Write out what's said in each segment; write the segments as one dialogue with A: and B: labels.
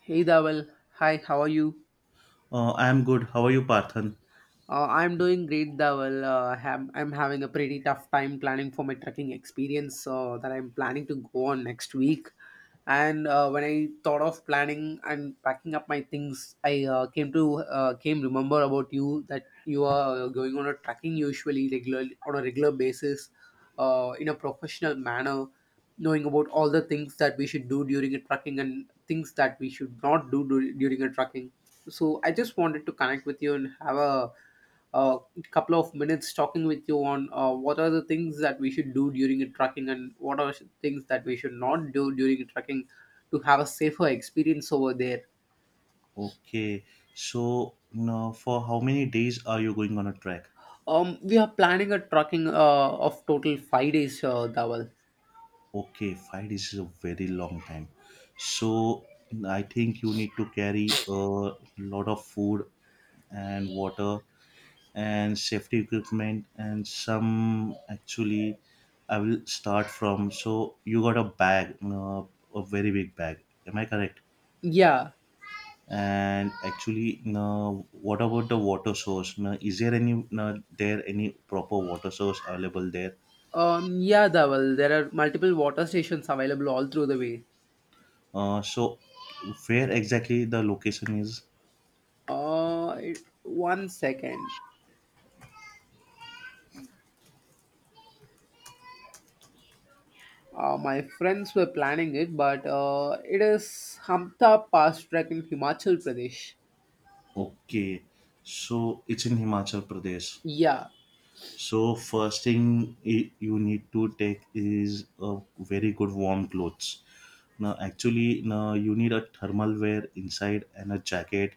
A: Hey Dawal, hi, how are you?
B: I am good. How are you, Parthan?
A: I'm doing great, Dawal. I'm having a pretty tough time planning for my trekking experience that I'm planning to go on next week. And when I thought of planning and packing up my things, I came to came remember about you that you are going on a trekking usually regularly on a regular basis, in a professional manner, knowing about all the things that we should do during a trucking and things that we should not do during a trucking. So I just wanted to connect with you and have a couple of minutes talking with you on what are the things that we should do during a trucking and what are things that we should not do during a trucking to have a safer experience over there.
B: Okay. So, now for how many days are you going on a trek?
A: We are planning a trucking of total 5 days, Dawal.
B: Okay, 5 days is a very long time. So, I think you need to carry a lot of food and water and safety equipment and some actually I will start from. So, you got a bag, a very big bag. Am I correct?
A: Yeah,
B: And actually, now what about the water source? Now, is there any now, there any proper water source available there?
A: yeah, Dawal. There are multiple water stations available all through the way.
B: So where exactly the location is?
A: One second. My friends were planning it, but it is Hamta Pass trek in Himachal Pradesh.
B: Okay, so it's in Himachal Pradesh.
A: Yeah.
B: So first thing you need to take is a very good warm clothes. Now actually now you need a thermal wear inside and a jacket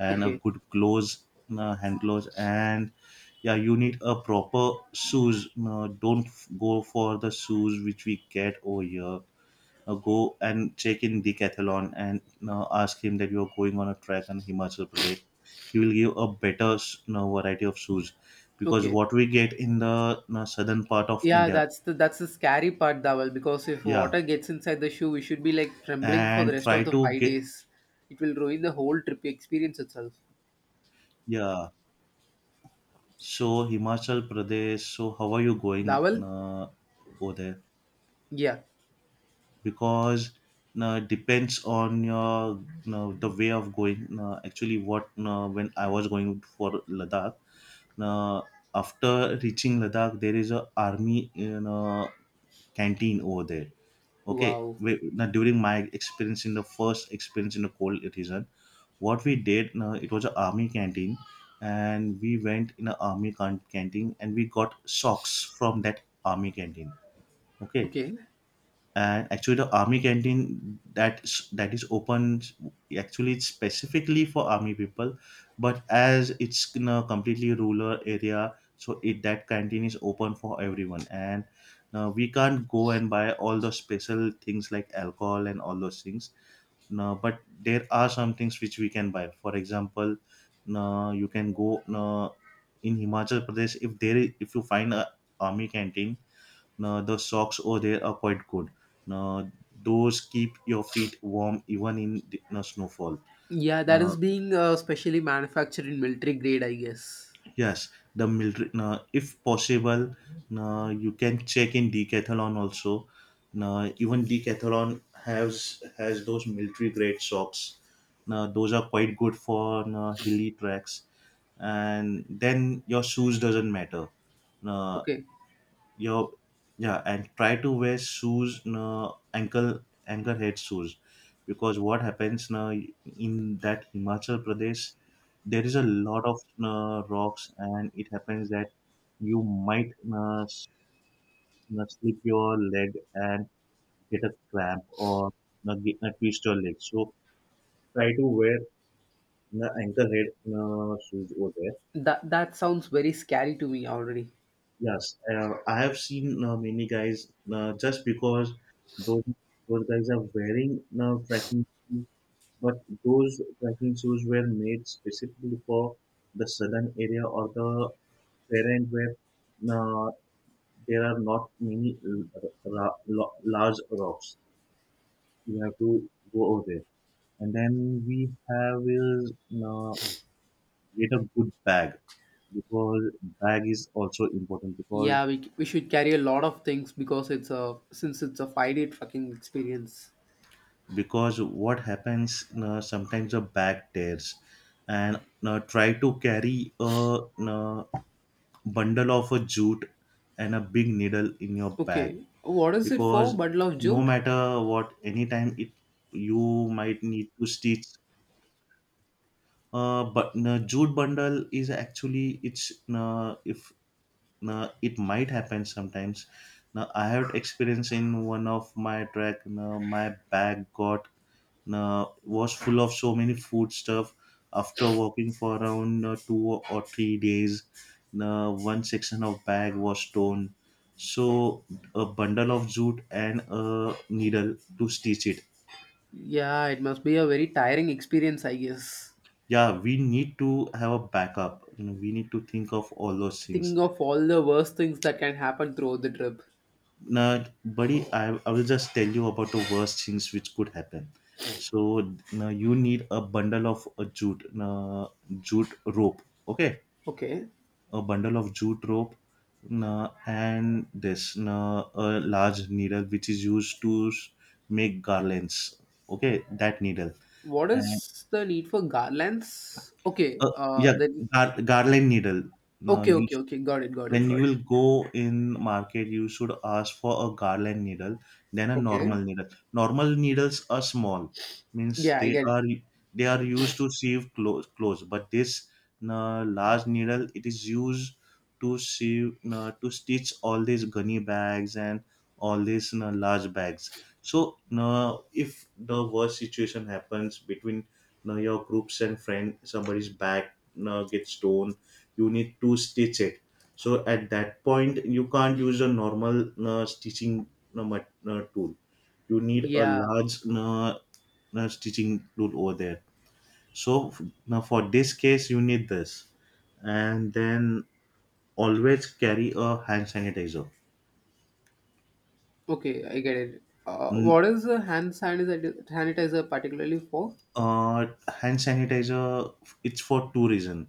B: and a
A: Okay.
B: good gloves, hand gloves, and yeah, you need a proper shoes. Don't go for the shoes which we get over here. Go and check in Decathlon and ask him that you are going on a trek in Himachal Pradesh. He will give a better variety of shoes because
A: Okay.
B: what we get in the southern part of
A: Yeah,
B: India,
A: that's the scary part, Dawal, because if
B: yeah,
A: water gets inside the shoe, we should be like trembling for the
B: and
A: rest of
B: try
A: the
B: to
A: five
B: get
A: days. It will ruin the whole trip experience itself.
B: yeah. So Himachal Pradesh. So how are you going
A: Dawal?
B: over there?
A: Yeah.
B: Because depends on your the way of going, actually what, when I was going for Ladakh, uh, after reaching Ladakh there is a army canteen over there. Okay,
A: Wow.
B: we, now during my experience in the first experience in the cold region, what we did, it was an army canteen, and we went in an army canteen and we got socks from that army canteen. Okay.
A: Okay.
B: And actually the army canteen that is open, actually it's specifically for army people, but as it's in a completely rural area so it that canteen is open for everyone. And now we can't go and buy all the special things like alcohol and all those things. No, but there are some things which we can buy, for example. No, you can go. No, in Himachal Pradesh, if there is, if you find a army canteen, now the socks over there are quite good. Now, those keep your feet warm even in the, now, snowfall.
A: Yeah, that
B: Uh,
A: is being specially manufactured in military grade, I guess.
B: yes, the military. Now, if possible, now, you can check in Decathlon also. Now, even Decathlon has those military grade socks. Now, those are quite good for now, hilly tracks. And then your shoes doesn't matter. Now,
A: Okay.
B: your, yeah, and try to wear shoes no ankle head shoes, because what happens now, in that Himachal Pradesh there is a lot of rocks and it happens that you might uh, s- slip your leg and get a cramp or get, twist your leg. So try to wear the ankle head shoes over there.
A: That that sounds very scary to me already.
B: Yes, I have seen many guys, just because those those guys are wearing trekking shoes, but those trekking shoes were made specifically for the southern area or the terrain where uh, there are not many large rocks. You have to go over there, and then we have is, get a good bag, because bag is also important, because
A: Yeah, we should carry a lot of things because it's a since it's a 5 day trucking experience.
B: because what happens, sometimes a bag tears, and try to carry a bundle of a jute and a big needle in your bag,
A: Okay, what is it for?
B: because
A: Bundle of
B: no
A: jute?
B: matter what, anytime it, you might need to stitch, but jute bundle is actually it's, if, it might happen sometimes. Now I have experience in one of my track, my bag got, was full of so many food stuff. After walking for around 2 or 3 days, one section of bag was torn. So a bundle of jute and a needle to stitch it.
A: Yeah, it must be a very tiring experience, I guess.
B: Yeah, we need to have a backup, we need to think of all those things.
A: Think of all the worst things that can happen throughout the trip.
B: Now buddy, I will just tell you about the worst things which could happen. So now you need a bundle of a jute, jute rope. Okay.
A: Okay,
B: A bundle of jute rope, na, and this na, a large needle which is used to make garlands. Okay, that needle.
A: what
B: And
A: is the need for garlands? Okay,
B: uh, yeah,
A: then
B: garland needle now
A: okay, okay,
B: used.
A: okay, got it, got it,
B: When
A: got
B: you
A: it.
B: will go in market you should ask for a garland needle than a normal
A: Okay,
B: needle. Normal needles are small, means
A: yeah, I
B: they
A: get it.
B: are they are used to sieve clothes, clothes, but this large needle it is used to sieve, to stitch all these gunny bags and all these large bags. So if the worst situation happens between your groups and friend somebody's bag gets torn, you need to stitch it. So at that point you can't use a normal stitching tool. You need a
A: Yeah.
B: large stitching tool over there. So now for this case you need this. And then always carry a hand sanitizer.
A: Okay, I get it.
B: Mm,
A: What is a sanitizer particularly for?
B: uh, Hand sanitizer, it's for two reasons.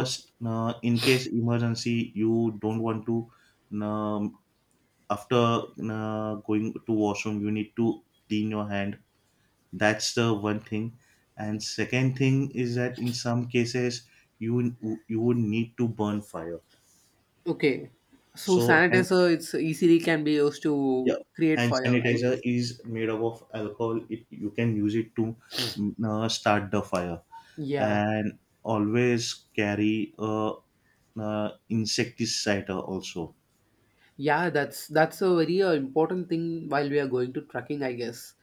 A: Okay.
B: in case emergency you don't want to, um, after going to washroom you need to clean your hand. That's the one thing. And second thing is that in some cases you you would need to burn fire.
A: Okay. So
B: So and,
A: sanitizer, it's easily can be used
B: yeah,
A: to create
B: hand
A: fire, I
B: sanitizer
A: guess.
B: is made up of alcohol. It, you can use it to start the fire.
A: Yeah.
B: And always carry a, insecticide also.
A: Yeah, that's a very important thing while we are going to trekking, I guess.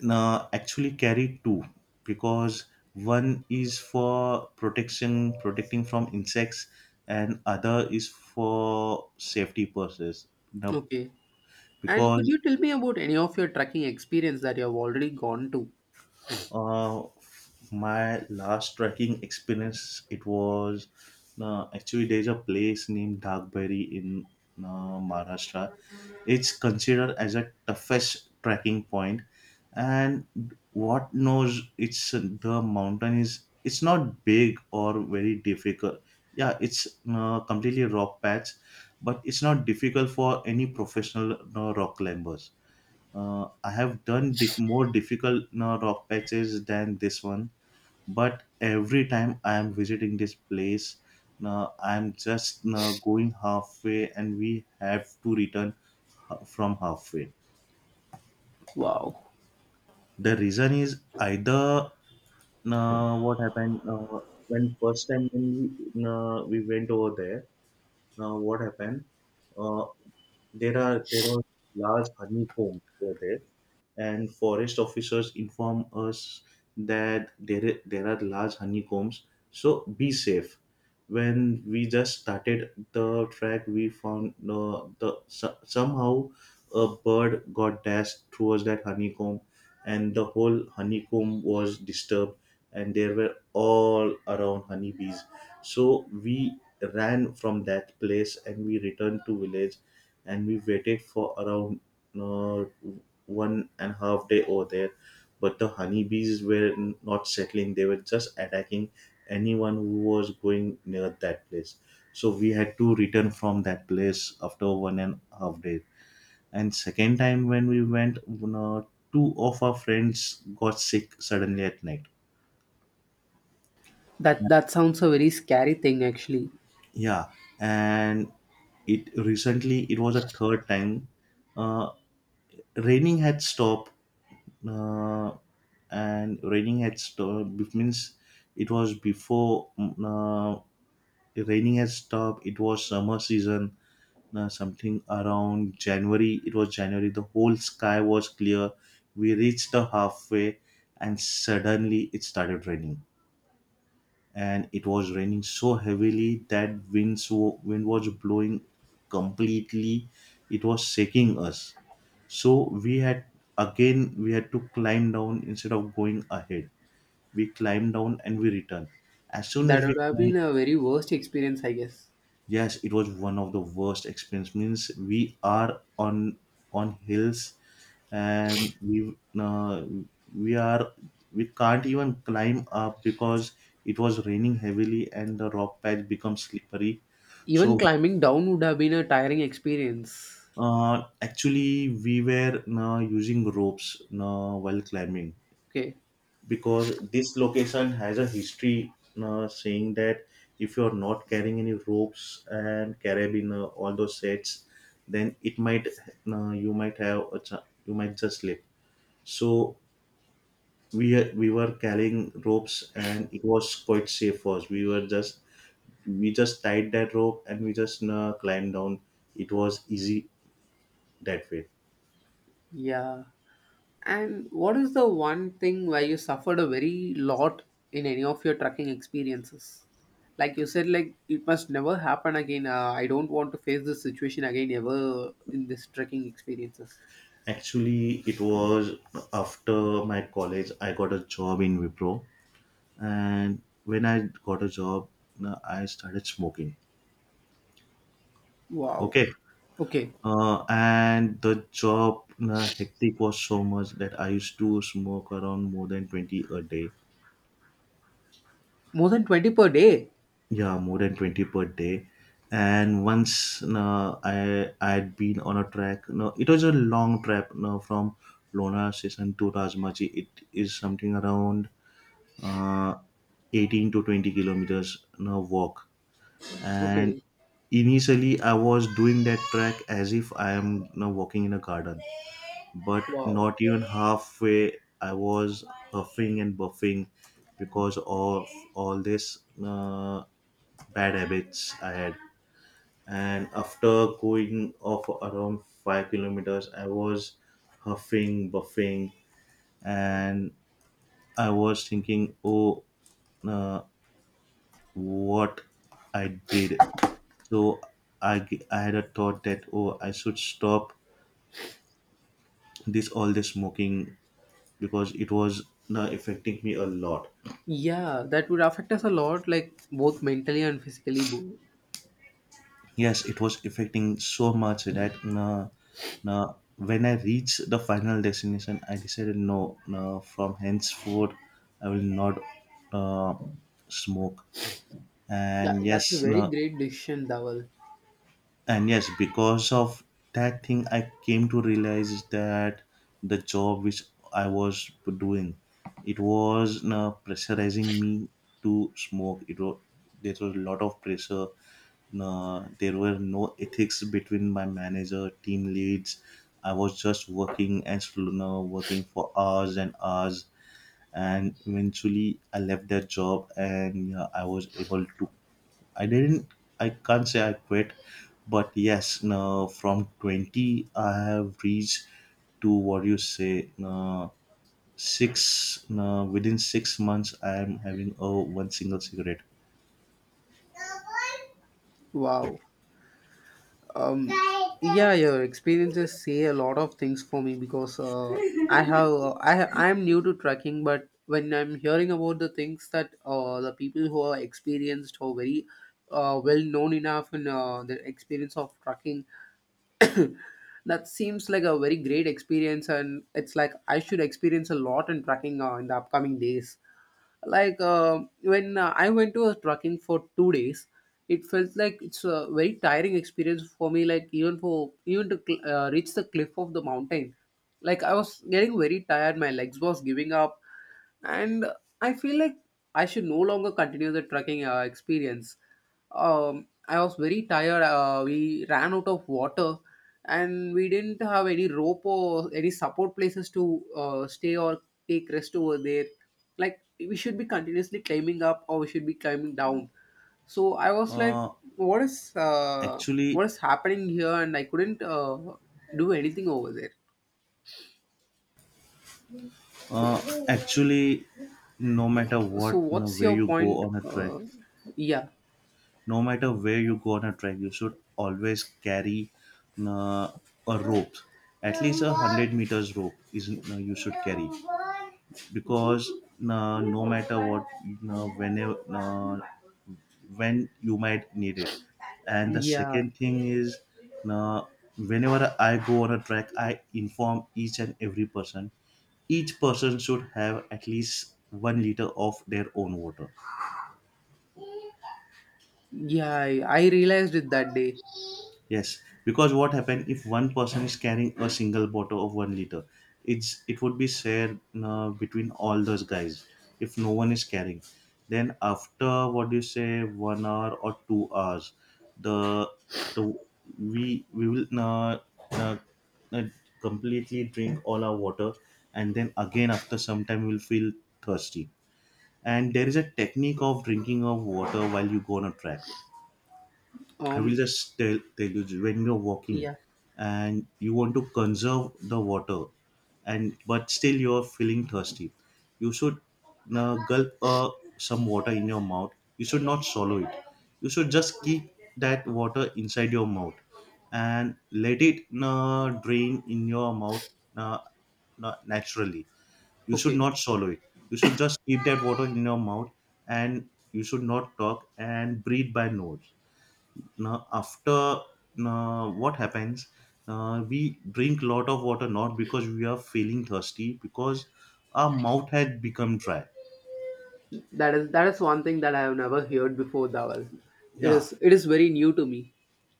B: Now, actually carry two, because one is for protection, protecting from insects, and other is for safety purposes. Now,
A: Okay. And could
B: because
A: you tell me about any of your trekking experience that you have already gone to?
B: uh, my last trekking experience, it was, actually there's a place named Dagberry in Maharashtra. It's considered as a toughest trekking point, and what knows it's the mountain is it's not big or very difficult. Yeah, it's completely rock patch, but it's not difficult for any professional rock climbers. I have done more difficult rock patches than this one, but every time I am visiting this place, I'm just going halfway, and we have to return from halfway.
A: Wow.
B: The reason is either, what happened, when first time when we went over there. What happened? Uh, there are large honeycomb over there, and forest officers inform us that there are large honeycombs. So be safe. When we just started the track, we found the somehow a bird got dashed towards that honeycomb, and the whole honeycomb was disturbed and there were all around honeybees. So we ran from that place and we returned to village, and we waited for around uh, 1.5 day over there, but the honeybees were not settling, they were just attacking anyone who was going near that place. So we had to return from that place after 1.5 day. And second time when we went, two of our friends got sick suddenly at night.
A: That that sounds a very scary thing actually.
B: Yeah, and it, recently it was a third time. uh, Raining had stopped, uh, and raining had stopped means it was before the raining had stopped, it was summer season, something around January, it was January, the whole sky was clear. We reached the halfway and suddenly it started raining, and it was raining so heavily that winds wind was blowing completely, it was shaking us. So we had, again we had to climb down instead of going ahead. We climbed down and we returned as soon
A: That
B: as we
A: would have been
B: climbed.
A: a very worst experience, I guess.
B: Yes, it was one of the worst experience. Means we are on hills and we, we are, we can't even climb up because it was raining heavily and the rock patch become slippery.
A: Even
B: So
A: climbing down would have been a tiring experience.
B: actually we were using ropes while climbing.
A: Okay.
B: Because this location has a history, saying that if you're not carrying any ropes and carabiner, all those sets, then it might you might have a ch- you might just slip. So we we were carrying ropes, and it was quite safe for us. We just tied that rope and we just climbed down. It was easy that way.
A: Yeah. And what is the one thing where you suffered a very lot in any of your trekking experiences? Like you said, like it must never happen again. I don't want to face this situation again ever in this trekking experiences.
B: Actually, it was after my college I got a job in Wipro. And when I got a job, I started smoking.
A: Wow.
B: Okay.
A: Okay.
B: And the job, hectic was so much that I used to smoke around more than 20 a day.
A: More than 20 per day.
B: Yeah, more than 20 per day. And once, I had been on a track, no, it was a long trip, no, from Lona station to Rajmachi. It is something around uh, 18 to 20 kilometers, no, walk. And
A: Okay.
B: initially I was doing that track as if I am now walking in a garden. But
A: Wow.
B: not even halfway I was huffing and buffing because of all this uh, bad habits I had. And after going off around 5 kilometers I was huffing buffing. And I was thinking, oh, uh, what I did. So I had a thought that, oh, I should stop this, all this smoking, because it was na affecting me a lot.
A: Yeah, that would affect us a lot, like both mentally and physically. Both.
B: Yes, it was affecting so much that na na when I reached the final destination, I decided, no, no, from henceforth I will not uh, smoke.
A: Yeah,
B: And
A: that's a
B: yes,
A: very
B: no,
A: great decision, Dawal.
B: and yes because of that thing I came to realize that the job which I was doing, it was pressurizing me to smoke. It was There was a lot of pressure. There were no ethics between my manager, team leads. I was just working and working for hours and hours. And eventually I left that job, and yeah, I was able to. I didn't. I can't say I quit, but yes, no, from 20 I have reached to, what you say, no, six. No, within 6 months I am having a one single cigarette.
A: Wow. Um, yeah, your experiences say a lot of things for me because I have I ha- I am new to trekking, but when I'm hearing about the things that the people who are experienced or very well known enough in the experience of trekking, that seems like a very great experience, and it's like I should experience a lot in trekking in the upcoming days, like when I went to a trekking for 2 days. It felt like it's a very tiring experience for me, like even for even to reach the cliff of the mountain, like I was getting very tired, my legs was giving up, and I feel like I should no longer continue the trekking experience. I was very tired. We ran out of water, and we didn't have any rope or any support places to stay or take rest over there, like we should be continuously climbing up or we should be climbing down. So I was like,
B: Uh,
A: what is uh,
B: actually,
A: what is happening here, and I couldn't do anything over there.
B: uh, actually, no matter
A: So
B: what, no,
A: what's
B: where
A: your
B: you
A: point?
B: go on a trek,
A: uh, yeah
B: no matter where you go on a trek, you should always carry uh, a rope. At least a 100 meters rope is you should carry, because no matter what, uh, whenever uh, when you might need it. And the
A: yeah
B: second thing is uh, whenever I go on a trek I inform each and every person: each person should have at least 1 liter of their own water.
A: yeah, I realized it that day.
B: Yes, because what happen if one person is carrying a single bottle of 1 liter? It would be shared, between all those guys. If no one is carrying, then after, what do you say, 1 hour or 2 hours, the the we will uh, uh, completely drink all our water. And then again after some time we'll feel thirsty. And there is a technique of drinking of water while you go on a track. I will
A: um
B: just tell you, when you're walking
A: yeah.
B: and you want to conserve the water and but still you're feeling thirsty, you should gulp some water in your mouth. You should not swallow it. You should just keep that water inside your mouth and let it drain in your mouth, uh, naturally. You should
A: Okay,
B: not swallow it. You should just keep that water in your mouth and you should not talk and breathe by nose. now after Now, what happens, we drink lot of water, not because we are feeling thirsty, because our mouth had become dry.
A: that is one thing that I have never heard before, Dawal. It
B: Yeah.
A: is it is very new to me.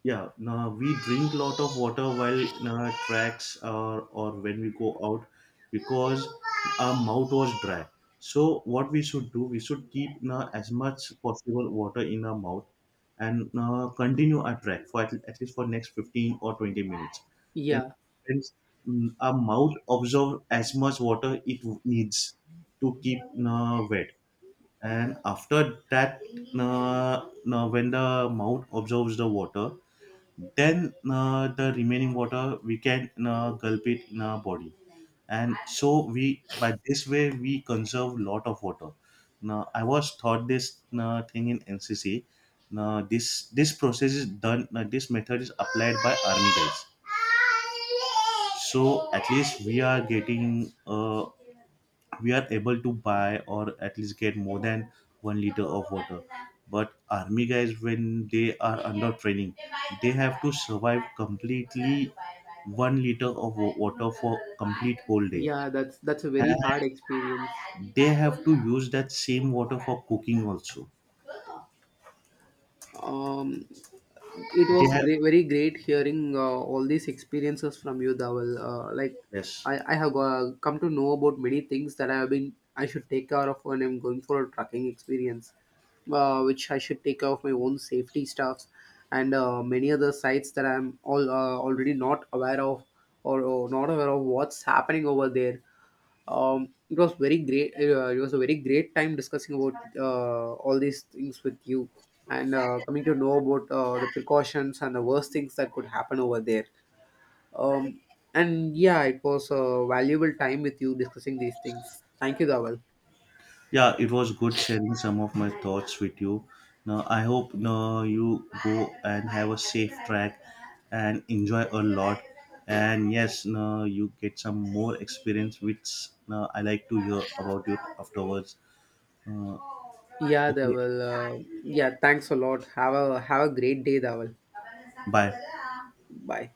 B: Yeah, now we drink lot of water while tracks, or when we go out, because our mouth was dry. So what we should do, we should keep as much possible water in our mouth and continue our track for at least for next 15 or 20 minutes. Then
A: Yeah,
B: hence, our mouth absorb as much water it needs to keep wet. And after that, when the mouth absorbs the water, then the remaining water we can gulp it in our body. And so we, by this way, we conserve lot of water. Now I was taught this thing in NCC. Now, this process is done, this method is applied by army guys. So at least we are able to buy or at least get more than 1 liter of water. But army guys, when they are under training, they have to survive completely 1 liter of water for complete whole day.
A: yeah, that's a very hard experience.
B: And they have to use that same water for cooking also.
A: Um, it was
B: They have
A: great, very great hearing all these experiences from you, Dawal. Like
B: Yes.
A: I have come to know about many things that I have been I should take care of when I'm going for a trucking experience, which I should take care of my own safety stuffs and many other sites that I'm all already not aware of or not aware of what's happening over there. It was very great. It was a very great time discussing about all these things with you, and coming to know about the precautions and the worst things that could happen over there. Um, and yeah, it was a valuable time with you discussing these things. Thank you, Dawal.
B: Yeah, it was good sharing some of my thoughts with you. Now, I hope now you go and have a safe track and enjoy a lot. And yes, now you get some more experience, which now I like to hear about it afterwards. Uh,
A: Yeah,
B: okay,
A: Dawal. Yeah, thanks a lot. Have a great day, Dawal.
B: bye.
A: Bye.